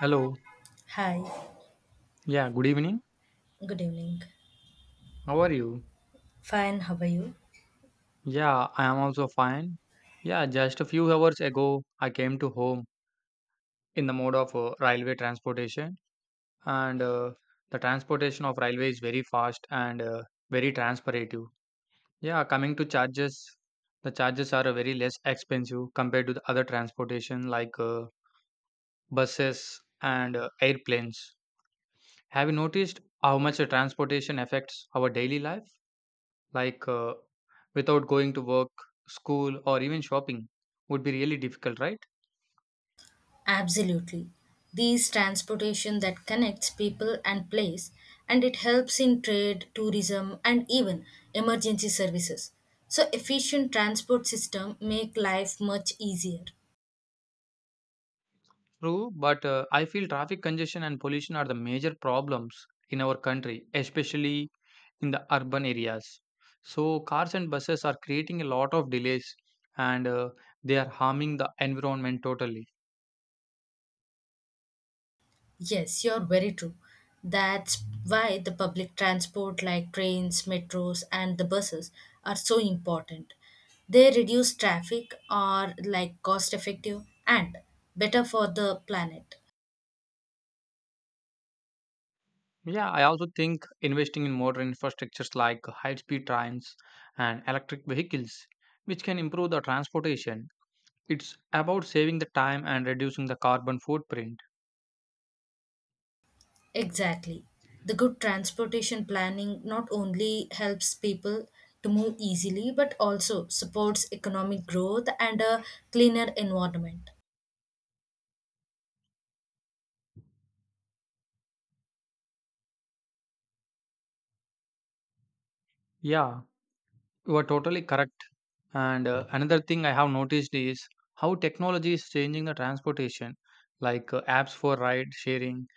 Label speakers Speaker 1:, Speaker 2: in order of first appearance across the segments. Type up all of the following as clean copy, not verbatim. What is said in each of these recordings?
Speaker 1: Hello.
Speaker 2: Hi,
Speaker 1: Yeah, good evening.
Speaker 2: good evening.
Speaker 1: How are you?
Speaker 2: Fine, how are you?
Speaker 1: Yeah, I am also fine. Yeah, just a few hours ago, I came to home in the mode of railway transportation, and the transportation of railway is very fast and very transparative. Yeah, coming to charges, the charges are very less expensive compared to the other transportation like buses and airplanes. Have you noticed how much the transportation affects our daily life? like uh, Without going to work, school, or even shopping would be really difficult, right?
Speaker 2: Absolutely. These transportation that connects people and place and it helps in trade, tourism and even emergency services. So efficient transport system make life much easier.
Speaker 1: True, but I feel traffic congestion and pollution are the major problems in our country, especially in the urban areas. So, cars and buses are creating a lot of delays and they are harming the environment totally.
Speaker 2: Yes, you're very true. That's why the public transport like trains, metros, and the buses are so important. They reduce traffic, are like cost effective and better for the planet.
Speaker 1: Yeah, I also think investing in modern infrastructures like high speed trains and electric vehicles, which can improve the transportation. It's about saving the time and reducing the carbon footprint.
Speaker 2: Exactly. The good transportation planning not only helps people to move easily but also supports economic growth and a cleaner environment.
Speaker 1: Yeah, you are totally correct. And another thing I have noticed is how technology is changing the transportation, like apps for ride sharing,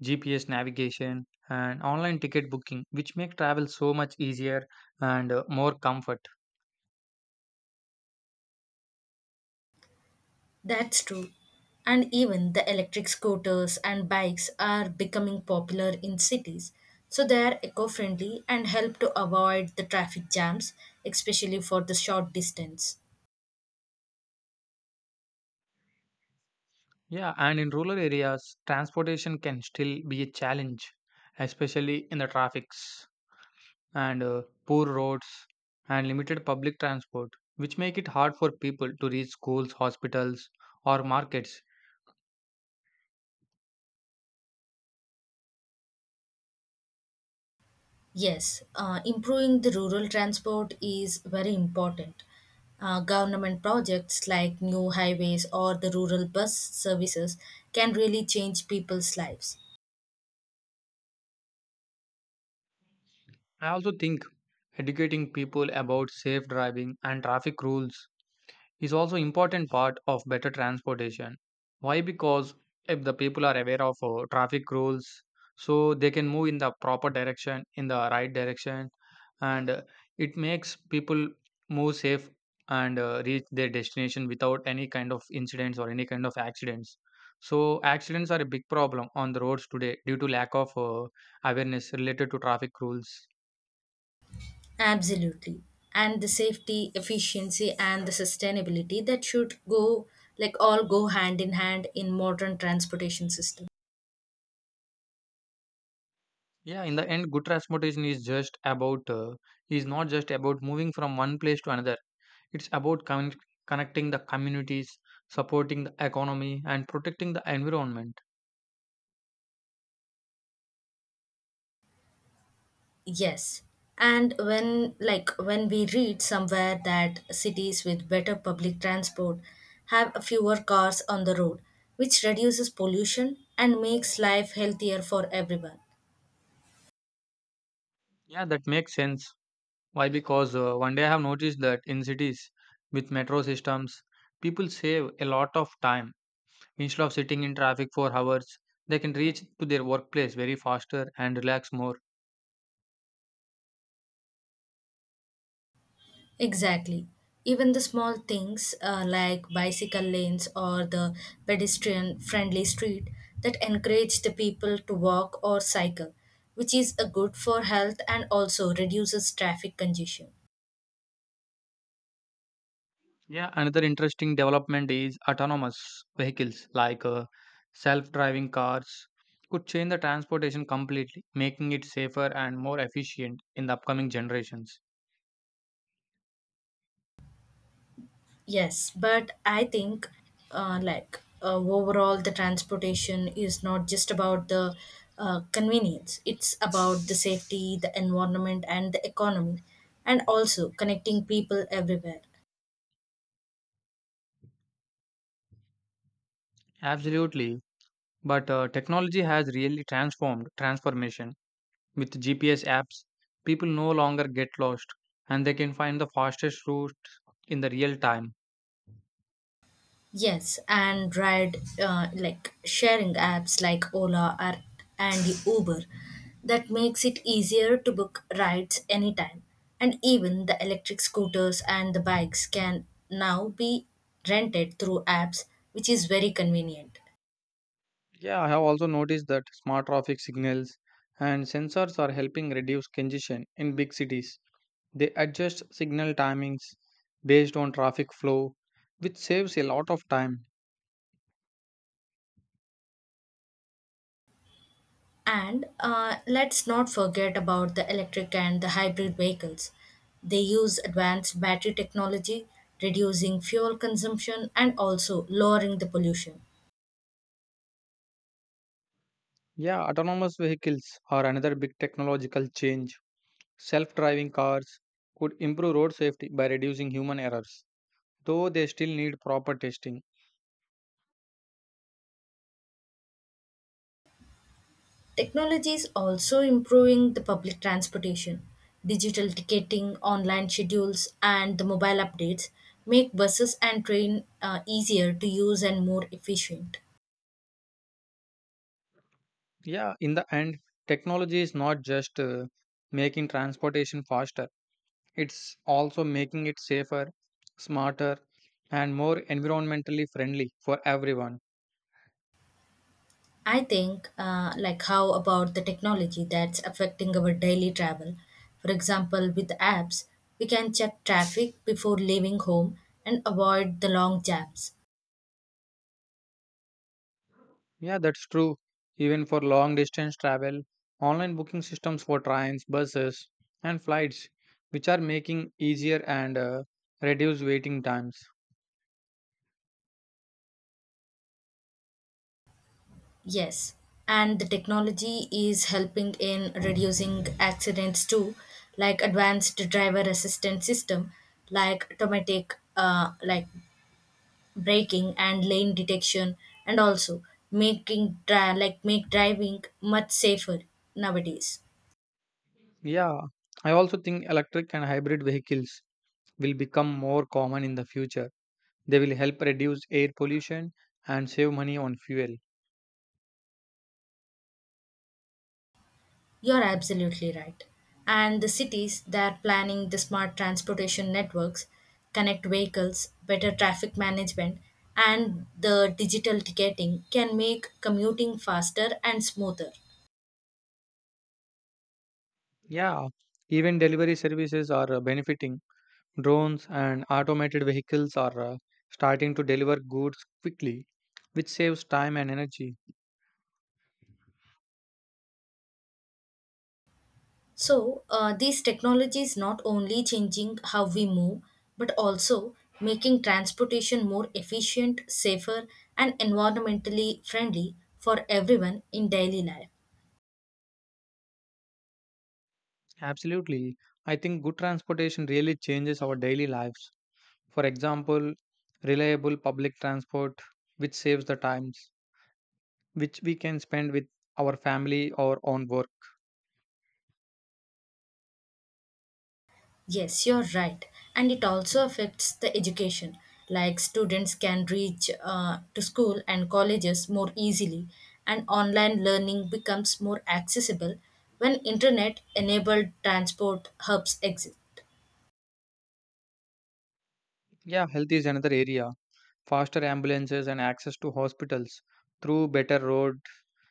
Speaker 1: GPS navigation, and online ticket booking, which make travel so much easier and more comfort.
Speaker 2: That's true. And even the electric scooters and bikes are becoming popular in cities. So they are eco friendly and help to avoid the traffic jams, especially for the short distance.
Speaker 1: Yeah, and in rural areas, transportation can still be a challenge, especially in the traffics, and poor roads and limited public transport, which make it hard for people to reach schools, hospitals, or markets.
Speaker 2: Yes, improving the rural transport is very important. Government projects like new highways or the rural bus services can really change people's lives.
Speaker 1: I also think educating people about safe driving and traffic rules is also important part of better transportation. Why? Because if the people are aware of traffic rules, so they can move in the proper direction, in the right direction, and it makes people move safe and reach their destination without any kind of incidents or any kind of accidents. So accidents are a big problem on the roads today due to lack of awareness related to traffic rules.
Speaker 2: Absolutely. And the safety, efficiency, and the sustainability that should go like all go hand in hand in modern transportation system.
Speaker 1: Yeah, in the end, good transportation is just about is not just about moving from one place to another. It's about connecting the communities, supporting the economy, and protecting the environment.
Speaker 2: Yes. And when like when we read somewhere that cities with better public transport have fewer cars on the road, which reduces pollution and makes life healthier for everyone.
Speaker 1: Yeah, that makes sense. Why? Because one day I have noticed that in cities with metro systems, people save a lot of time. Instead of sitting in traffic for hours, they can reach to their workplace very faster and relax more.
Speaker 2: Exactly. Even the small things like bicycle lanes or the pedestrian friendly street that encourage the people to walk or cycle, which is a good for health and also reduces traffic congestion.
Speaker 1: Yeah, another interesting development is autonomous vehicles, like self driving cars could change the transportation completely, making it safer and more efficient in the upcoming generations.
Speaker 2: Yes, but I think like overall the transportation is not just about the convenience, it's about the safety, the environment, and the economy, and also connecting people everywhere.
Speaker 1: Absolutely. But technology has really transformed transformation. With GPS apps, people no longer get lost and they can find the fastest route in the real time.
Speaker 2: Yes, and ride like sharing apps like Ola, or and Uber that makes it easier to book rides anytime. And even the electric scooters and the bikes can now be rented through apps, which is very convenient.
Speaker 1: Yeah, I have also noticed that smart traffic signals and sensors are helping reduce congestion in big cities. They adjust signal timings based on traffic flow, which saves a lot of time.
Speaker 2: And let's not forget about the electric and the hybrid vehicles. They use advanced battery technology, reducing fuel consumption and also lowering the pollution.
Speaker 1: Yeah, autonomous vehicles are another big technological change. Self driving cars could improve road safety by reducing human errors, though they still need proper testing.
Speaker 2: Technology is also improving the public transportation. Digital ticketing, online schedules, and the mobile updates make buses and train easier to use and more efficient.
Speaker 1: Yeah, in the end, technology is not just making transportation faster, it's also making it safer, smarter, and more environmentally friendly for everyone.
Speaker 2: I think, like, how about the technology that's affecting our daily travel? For example, with apps, we can check traffic before leaving home and avoid the long jams.
Speaker 1: Yeah, that's true. Even for long distance travel, online booking systems for trains, buses, and flights, which are making easier and reduce waiting times.
Speaker 2: Yes, and the technology is helping in reducing accidents too, like advanced driver assistance system, like automatic like braking and lane detection, and also like make driving much safer nowadays.
Speaker 1: Yeah, I also think electric and hybrid vehicles will become more common in the future. They will help reduce air pollution and save money on fuel.
Speaker 2: You're absolutely right. And the cities, they're planning the smart transportation networks, connect vehicles, better traffic management, and the digital ticketing can make commuting faster and smoother.
Speaker 1: Yeah, even delivery services are benefiting. Drones and automated vehicles are starting to deliver goods quickly, which saves time and energy.
Speaker 2: So, these technologies not only changing how we move, but also making transportation more efficient, safer, and environmentally friendly for everyone in daily life.
Speaker 1: Absolutely. I think good transportation really changes our daily lives. For example, reliable public transport, which saves the times which we can spend with our family or on work.
Speaker 2: Yes, you're right. And it also affects the education. Like students can reach to school and colleges more easily, and online learning becomes more accessible when internet enabled transport hubs exist.
Speaker 1: Yeah, health is another area. Faster ambulances and access to hospitals through better road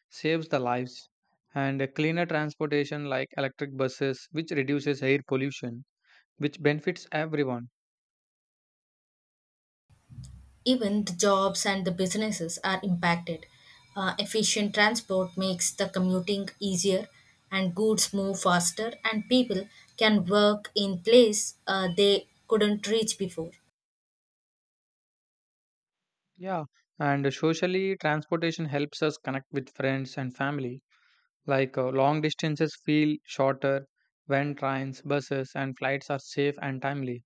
Speaker 1: saves the lives, and cleaner transportation like electric buses which reduces air pollution, which benefits everyone.
Speaker 2: Even the jobs and the businesses are impacted. Efficient transport makes the commuting easier, and goods move faster, and people can work in place they couldn't reach before.
Speaker 1: Yeah, and socially transportation helps us connect with friends and family, like long distances feel shorter when trains, buses and flights are safe and timely.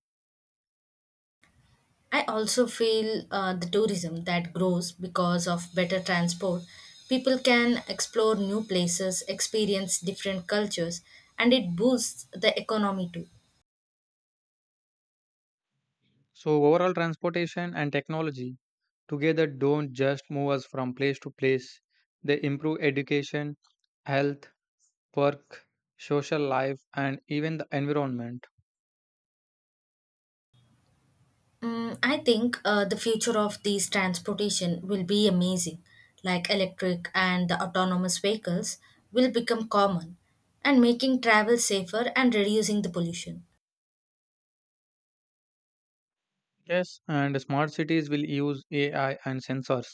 Speaker 2: I also feel the tourism that grows because of better transport. People can explore new places, experience different cultures, and it boosts the economy too.
Speaker 1: So overall transportation and technology together don't just move us from place to place, they improve education, health, work, social life, and even the environment.
Speaker 2: Mm, I think the future of these transportation will be amazing, like electric and the autonomous vehicles will become common and making travel safer and reducing the pollution.
Speaker 1: Yes, and smart cities will use AI and sensors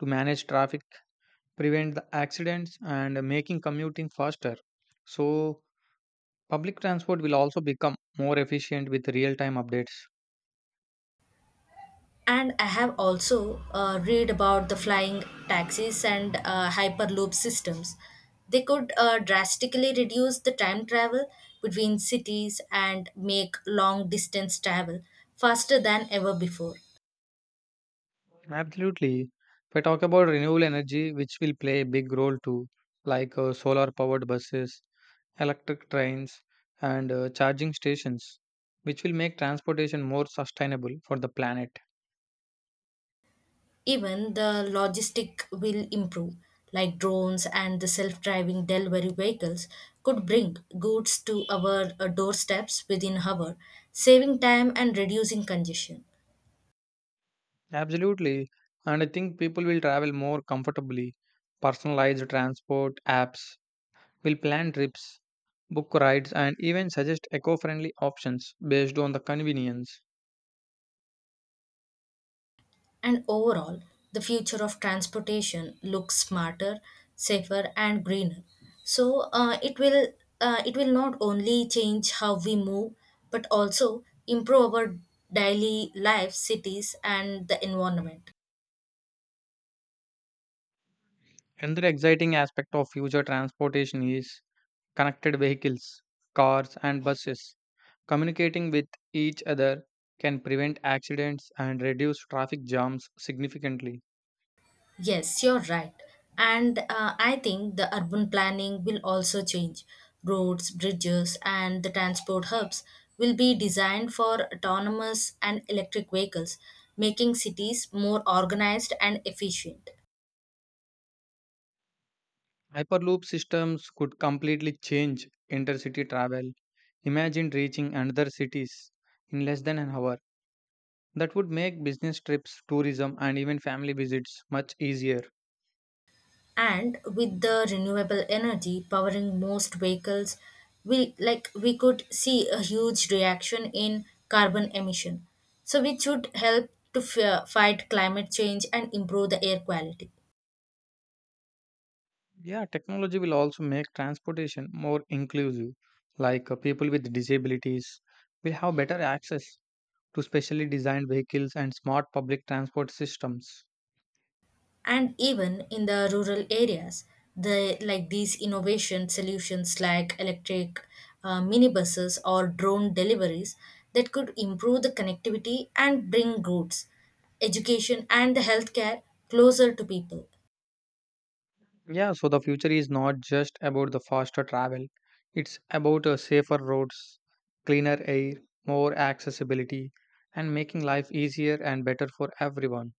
Speaker 1: to manage traffic, prevent the accidents, and making commuting faster. So, public transport will also become more efficient with real time updates.
Speaker 2: And I have also read about the flying taxis and hyperloop systems. They could drastically reduce the time travel between cities and make long distance travel faster than ever before.
Speaker 1: Absolutely. If I talk about renewable energy, which will play a big role too, like solar powered buses, electric trains, and charging stations, which will make transportation more sustainable for the planet.
Speaker 2: Even the logistic will improve, like drones and the self driving delivery vehicles could bring goods to our doorsteps within hour, saving time and reducing congestion.
Speaker 1: Absolutely. And I think people will travel more comfortably. Personalized transport apps will plan trips, book rides, and even suggest eco friendly options based on the convenience.
Speaker 2: And overall, the future of transportation looks smarter, safer, and greener. So it will not only change how we move, but also improve our daily life, cities, and the environment.
Speaker 1: Another exciting aspect of future transportation is connected vehicles, cars, and buses communicating with each other, can prevent accidents and reduce traffic jams significantly.
Speaker 2: Yes, you're right. And I think the urban planning will also change. Roads, bridges, and the transport hubs will be designed for autonomous and electric vehicles, making cities more organized and efficient.
Speaker 1: Hyperloop systems could completely change intercity travel. Imagine reaching another cities in less than an hour. That would make business trips, tourism, and even family visits much easier.
Speaker 2: And with the renewable energy powering most vehicles, we could see a huge reaction in carbon emission. So which would help to fight climate change and improve the air quality.
Speaker 1: Yeah, technology will also make transportation more inclusive. Like people with disabilities will have better access to specially designed vehicles and smart public transport systems.
Speaker 2: And even in the rural areas, the like these innovation solutions like electric minibuses or drone deliveries that could improve the connectivity and bring goods, education and the healthcare closer to people.
Speaker 1: Yeah, so the future is not just about the faster travel, it's about safer roads, cleaner air, more accessibility, and making life easier and better for everyone.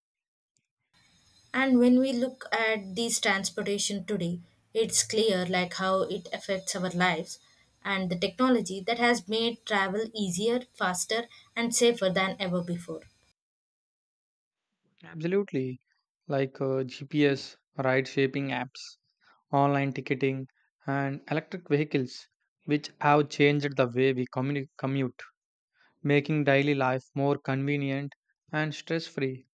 Speaker 2: And when we look at these transportation today, it's clear like how it affects our lives and the technology that has made travel easier, faster, and safer than ever before.
Speaker 1: Absolutely. Like GPS, ride shaping apps, online ticketing, and electric vehicles, which have changed the way we commute, making daily life more convenient and stress free.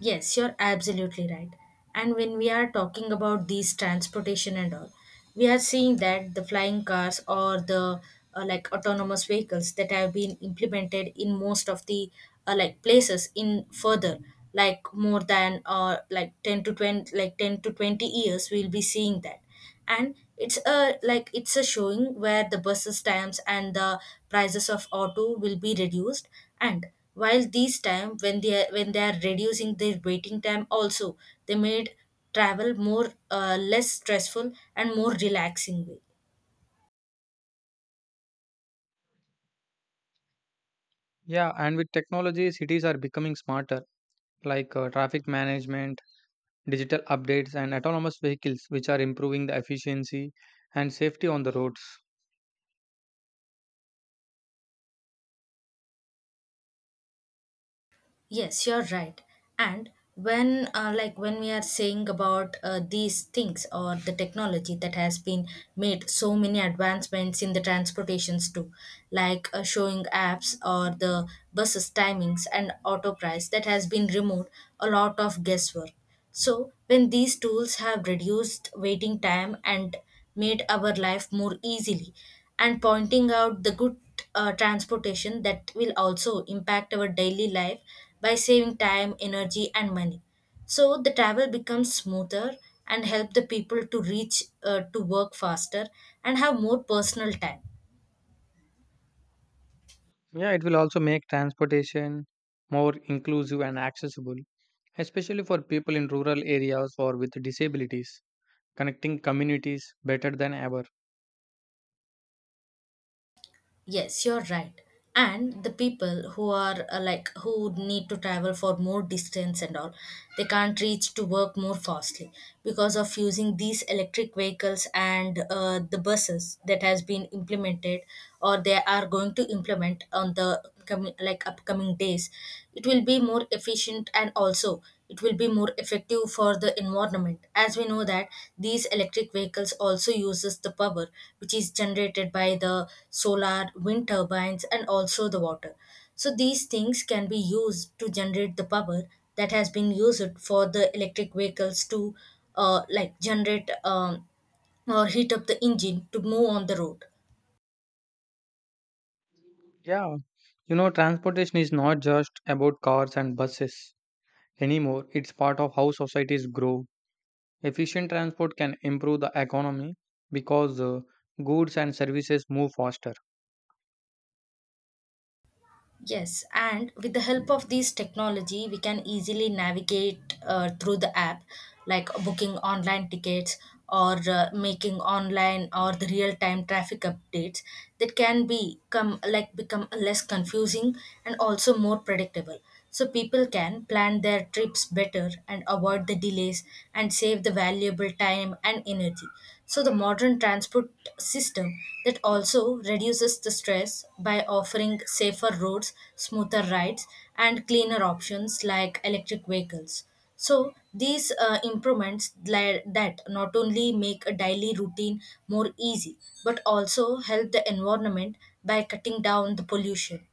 Speaker 2: Yes, you're absolutely right. And when we are talking about these transportation and all, we are seeing that the flying cars or the like autonomous vehicles that have been implemented in most of the like places in further like more than like 10 to 20 like 10 to 20 years we'll be seeing that. And it's a showing where the buses times and the prices of auto will be reduced. And while these time when they are reducing their waiting time, also they made travel more less stressful and more relaxing way.
Speaker 1: Yeah, and with technology, cities are becoming smarter, like traffic management, digital updates, and autonomous vehicles, which are improving the efficiency and safety on the roads.
Speaker 2: Yes, you're right. And when, like, when we are saying about these things or the technology that has been made so many advancements in the transportations too, like showing apps or the buses timings and auto price that has been removed a lot of guesswork. So, when these tools have reduced waiting time and made our life more easily, and pointing out the good transportation that will also impact our daily life by saving time, energy, and money. So, the travel becomes smoother and help the people to reach to work faster and have more personal time.
Speaker 1: Yeah, it will also make transportation more inclusive and accessible, especially for people in rural areas or with disabilities, connecting communities better than ever.
Speaker 2: Yes, you're right. And the people who are like who need to travel for more distance and all, they can't reach to work more fastly because of using these electric vehicles and the buses that has been implemented or they are going to implement on the coming like upcoming days. It will be more efficient and also it will be more effective for the environment, as we know that these electric vehicles also uses the power which is generated by the solar wind turbines and also the water. So these things can be used to generate the power that has been used for the electric vehicles to like generate or heat up the engine to move on the road.
Speaker 1: Yeah, you know, transportation is not just about cars and buses anymore, it's part of how societies grow. Efficient transport can improve the economy because goods and services move faster.
Speaker 2: Yes, and with the help of these technology, we can easily navigate through the app, like booking online tickets or making online or the real time traffic updates that can become less confusing and also more predictable. So people can plan their trips better and avoid the delays and save the valuable time and energy. So the modern transport system that also reduces the stress by offering safer roads, smoother rides, and cleaner options like electric vehicles. So these that not only make a daily routine more easy but also help the environment by cutting down the pollution.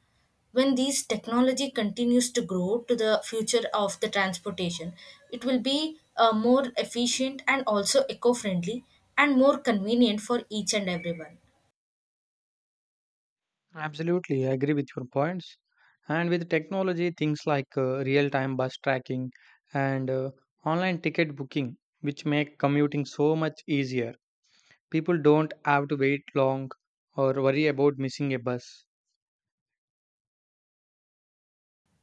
Speaker 2: When these technology continues to grow to the future of the transportation, it will be more efficient and also eco-friendly and more convenient for each and everyone.
Speaker 1: Absolutely, I agree with your points. And with technology, things like real time bus tracking and online ticket booking, which make commuting so much easier. People don't have to wait long or worry about missing a bus.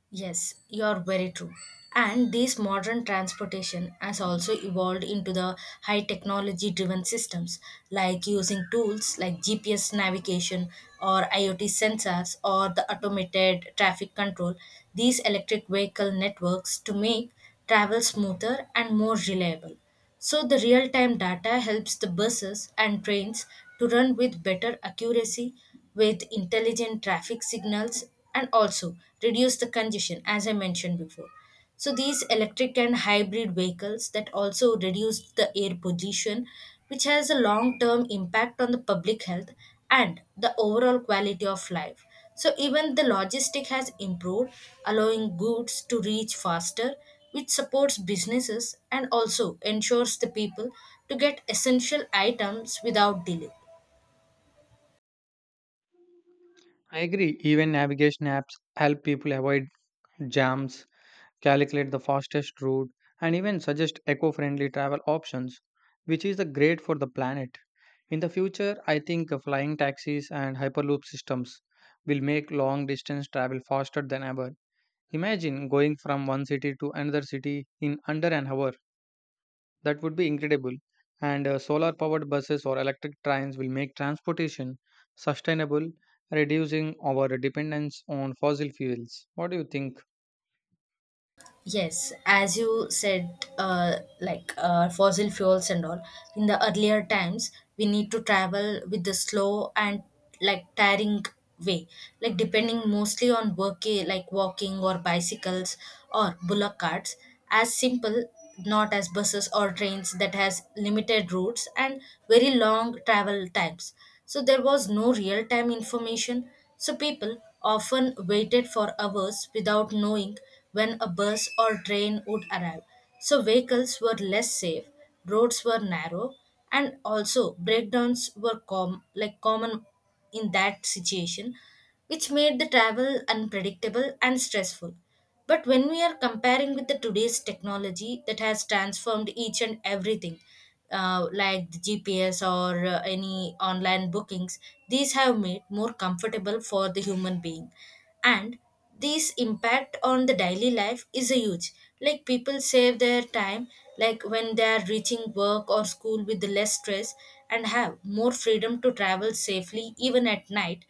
Speaker 2: Yes, you're very true. And this modern transportation has also evolved into the high technology driven systems like using tools like GPS navigation or IoT sensors or the automated traffic control, these electric vehicle networks to make travel smoother and more reliable. So, the real time data helps the buses and trains to run with better accuracy with intelligent traffic signals and also reduce the congestion, as I mentioned before. So, these electric and hybrid vehicles that also reduce the air pollution, which has a long term impact on the public health and the overall quality of life. So even the logistic has improved, allowing goods to reach faster, which supports businesses and also ensures the people to get essential items without delay.
Speaker 1: I agree, even navigation apps help people avoid jams, calculate the fastest route, and even suggest eco friendly travel options, which is a great for the planet. In the future, I think flying taxis and hyperloop systems will make long distance travel faster than ever. Imagine going from one city to another city in under an hour. That would be incredible. And solar powered buses or electric trains will make transportation sustainable, reducing our dependence on fossil fuels. What do you think?
Speaker 2: Yes, as you said, like fossil fuels and all, in the earlier times, we need to travel with the slow and like tiring way, like depending mostly on work, like walking or bicycles or bullock carts, as simple, not as buses or trains that has limited routes and very long travel times. So there was no real time information. So people often waited for hours without knowing when a bus or train would arrive. So vehicles were less safe, roads were narrow, and also like common in that situation, which made the travel unpredictable and stressful. But when we are comparing with the today's technology that has transformed each and everything, like the GPS or any online bookings, these have made more comfortable for the human being and this impact on the daily life is a huge, like people save their time like when they are reaching work or school with less stress and have more freedom to travel safely even at night.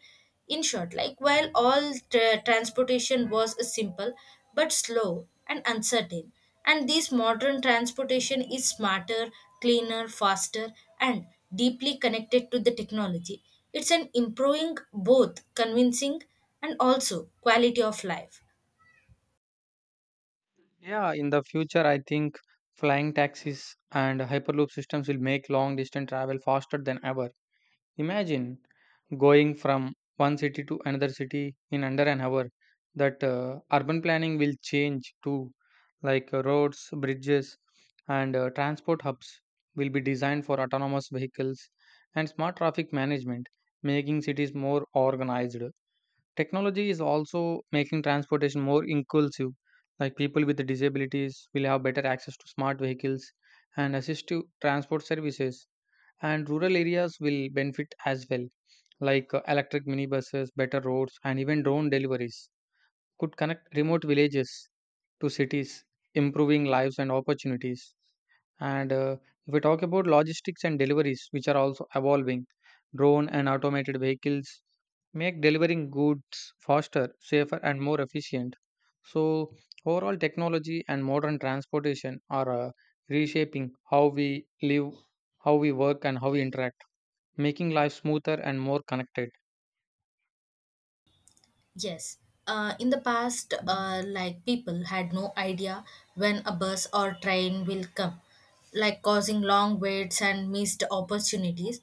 Speaker 2: In short, like while all transportation was a simple but slow and uncertain, and this modern transportation is smarter, cleaner, faster, and deeply connected to the technology. It's an improving both convincing and also quality of life.
Speaker 1: Yeah, in the future, I think flying taxis and hyperloop systems will make long distance travel faster than ever. Imagine going from one city to another city in under an hour. That Urban planning will change too, like roads, bridges, and transport hubs will be designed for autonomous vehicles and smart traffic management, making cities more organized. Technology is also making transportation more inclusive. Like people with disabilities will have better access to smart vehicles and assistive transport services, and rural areas will benefit as well, like electric minibuses, better roads, and even drone deliveries could connect remote villages to cities, improving lives and opportunities. And if we talk about logistics and deliveries, which are also evolving, drone and automated vehicles make delivering goods faster, safer, and more efficient. So, overall, technology and modern transportation are reshaping how we live, how we work, and how we interact, making life smoother and more connected.
Speaker 2: Yes. In the past, like people had no idea when a bus or train will come, like causing long waits and missed opportunities.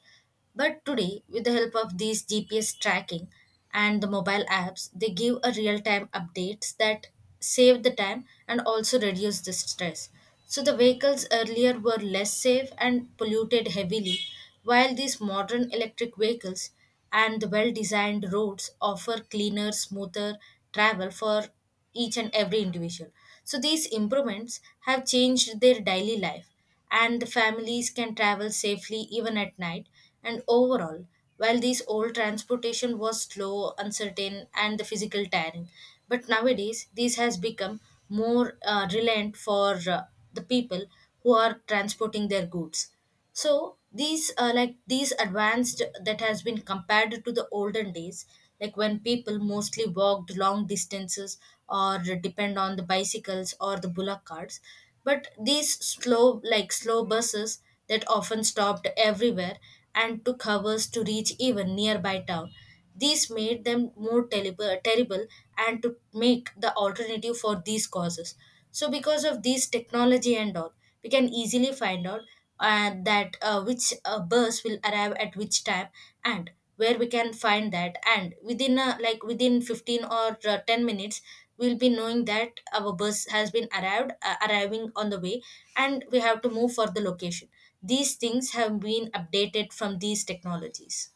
Speaker 2: But today, with the help of these GPS tracking and the mobile apps, they give a real time updates that save the time and also reduce the stress. So the vehicles earlier were less safe and polluted heavily, while these modern electric vehicles and the well designed roads offer cleaner, smoother travel for each and every individual. So these improvements have changed their daily life, and the families can travel safely even at night. And overall, while these old transportation was slow, uncertain, and the physical tiring, but nowadays this has become more reliant for the people who are transporting their goods. So these like these advanced that has been compared to the olden days, like when people mostly walked long distances or depend on the bicycles or the bullock carts, but these slow, like slow buses that often stopped everywhere and took hours to reach even nearby town, these made them more terrible, and to make the alternative for these causes. So because of these technology and all, we can easily find out that which bus will arrive at which time and where we can find that, and within within 15 or 10 minutes we'll be knowing that our bus has been arrived arriving on the way and we have to move for the location. These things have been updated from these technologies.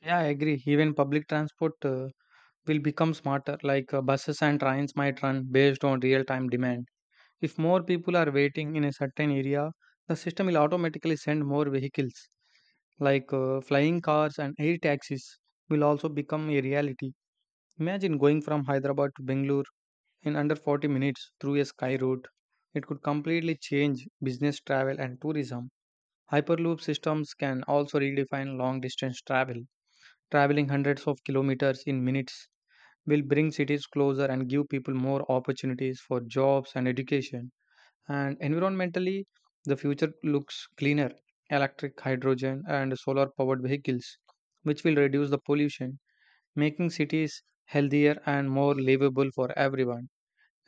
Speaker 1: Yeah, I agree. Even public transport will become smarter, like buses and trains might run based on real time demand. If more people are waiting in a certain area, the system will automatically send more vehicles. Like flying cars and air taxis will also become a reality. Imagine going from Hyderabad to Bangalore in under 40 minutes through a sky route. It could completely change business travel and tourism. Hyperloop systems can also redefine long distance travel, traveling hundreds of kilometers in minutes will bring cities closer and give people more opportunities for jobs and education. And environmentally, the future looks cleaner: electric, hydrogen, and solar powered vehicles, which will reduce the pollution, making cities healthier and more livable for everyone.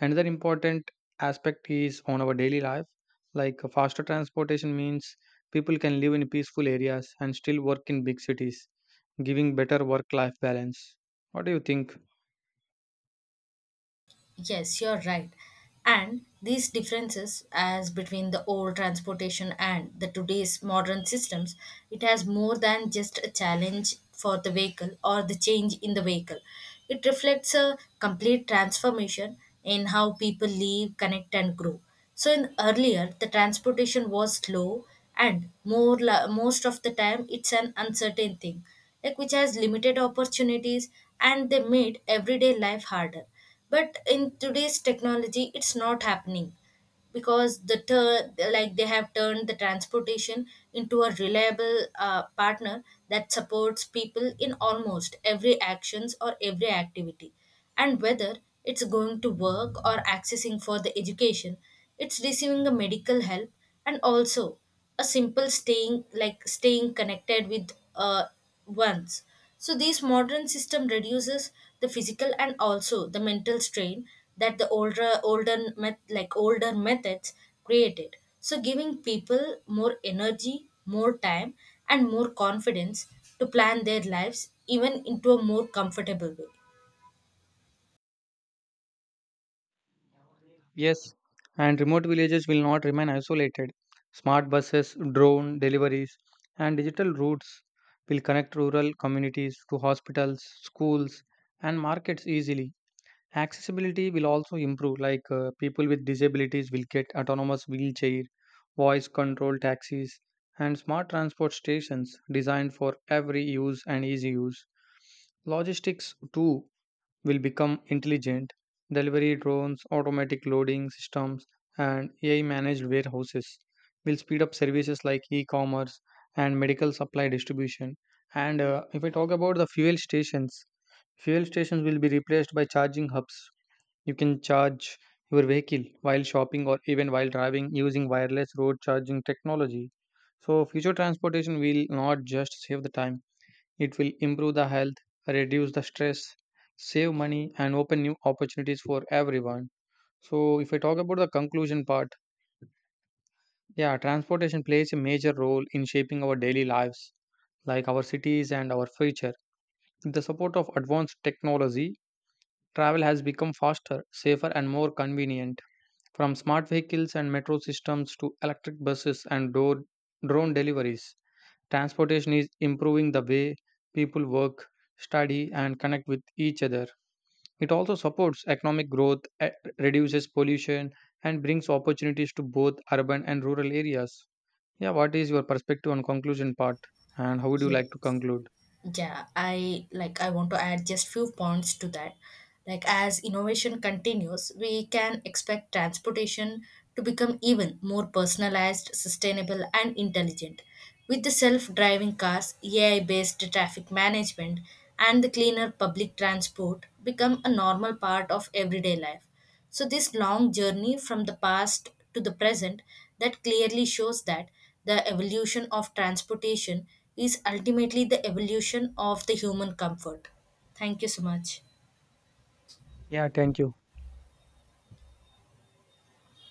Speaker 1: Another important aspect is on our daily life, like faster transportation means people can live in peaceful areas and still work in big cities, giving better work life balance. What do you think?
Speaker 2: Yes, you're right. And these differences, as between the old transportation and the today's modern systems, it has more than just a challenge for the vehicle or the change in the vehicle. It reflects a complete transformation in how people live, connect, and grow. So, in earlier, the transportation was slow, and most of the time, it's an uncertain thing, like which has limited opportunities, and they made everyday life harder, but in today's technology it's not happening because they have turned the transportation into a reliable partner that supports people in almost every actions or every activity. And whether it's going to work or accessing for the education, it's receiving the medical help, and also a simple staying, like staying connected with ones. So this modern system reduces the physical and also the mental strain that the older methods created, so giving people more energy, more time, and more confidence to plan their lives even into a more comfortable way.
Speaker 1: Yes, and remote villages will not remain isolated. Smart buses, drone deliveries, and digital routes will connect rural communities to hospitals, schools, and markets easily. Accessibility will also improve, like people with disabilities will get autonomous wheelchair, voice controlled taxis, and smart transport stations designed for every use and easy use. Logistics, too, will become intelligent. Delivery drones, automatic loading systems, and AI managed warehouses will speed up services like e commerce and medical supply distribution. And if I talk about the fuel stations will be replaced by charging hubs. You can charge your vehicle while shopping or even while driving using wireless road charging technology. So, future transportation will not just save the time, it will improve the health, reduce the stress, save money, and open new opportunities for everyone. So, if I talk about the conclusion part, yeah, transportation plays a major role in shaping our daily lives, like our cities and our future. With the support of advanced technology, travel has become faster, safer, and more convenient. From smart vehicles and metro systems to electric buses and drone deliveries, transportation is improving the way people work, study, and connect with each other. It also supports economic growth, reduces pollution, and brings opportunities to both urban and rural areas. Yeah, what is your perspective on conclusion part, and how would you
Speaker 2: Yes.
Speaker 1: like to conclude?
Speaker 2: I want to add just few points to that. Like as innovation continues, we can expect transportation to become even more personalized, sustainable and intelligent. With the self-driving cars, AI-based traffic management and the cleaner public transport become a normal part of everyday life. So, this long journey from the past to the present that clearly shows that the evolution of transportation is ultimately the evolution of the human comfort. Thank you so much.
Speaker 1: Yeah, thank you.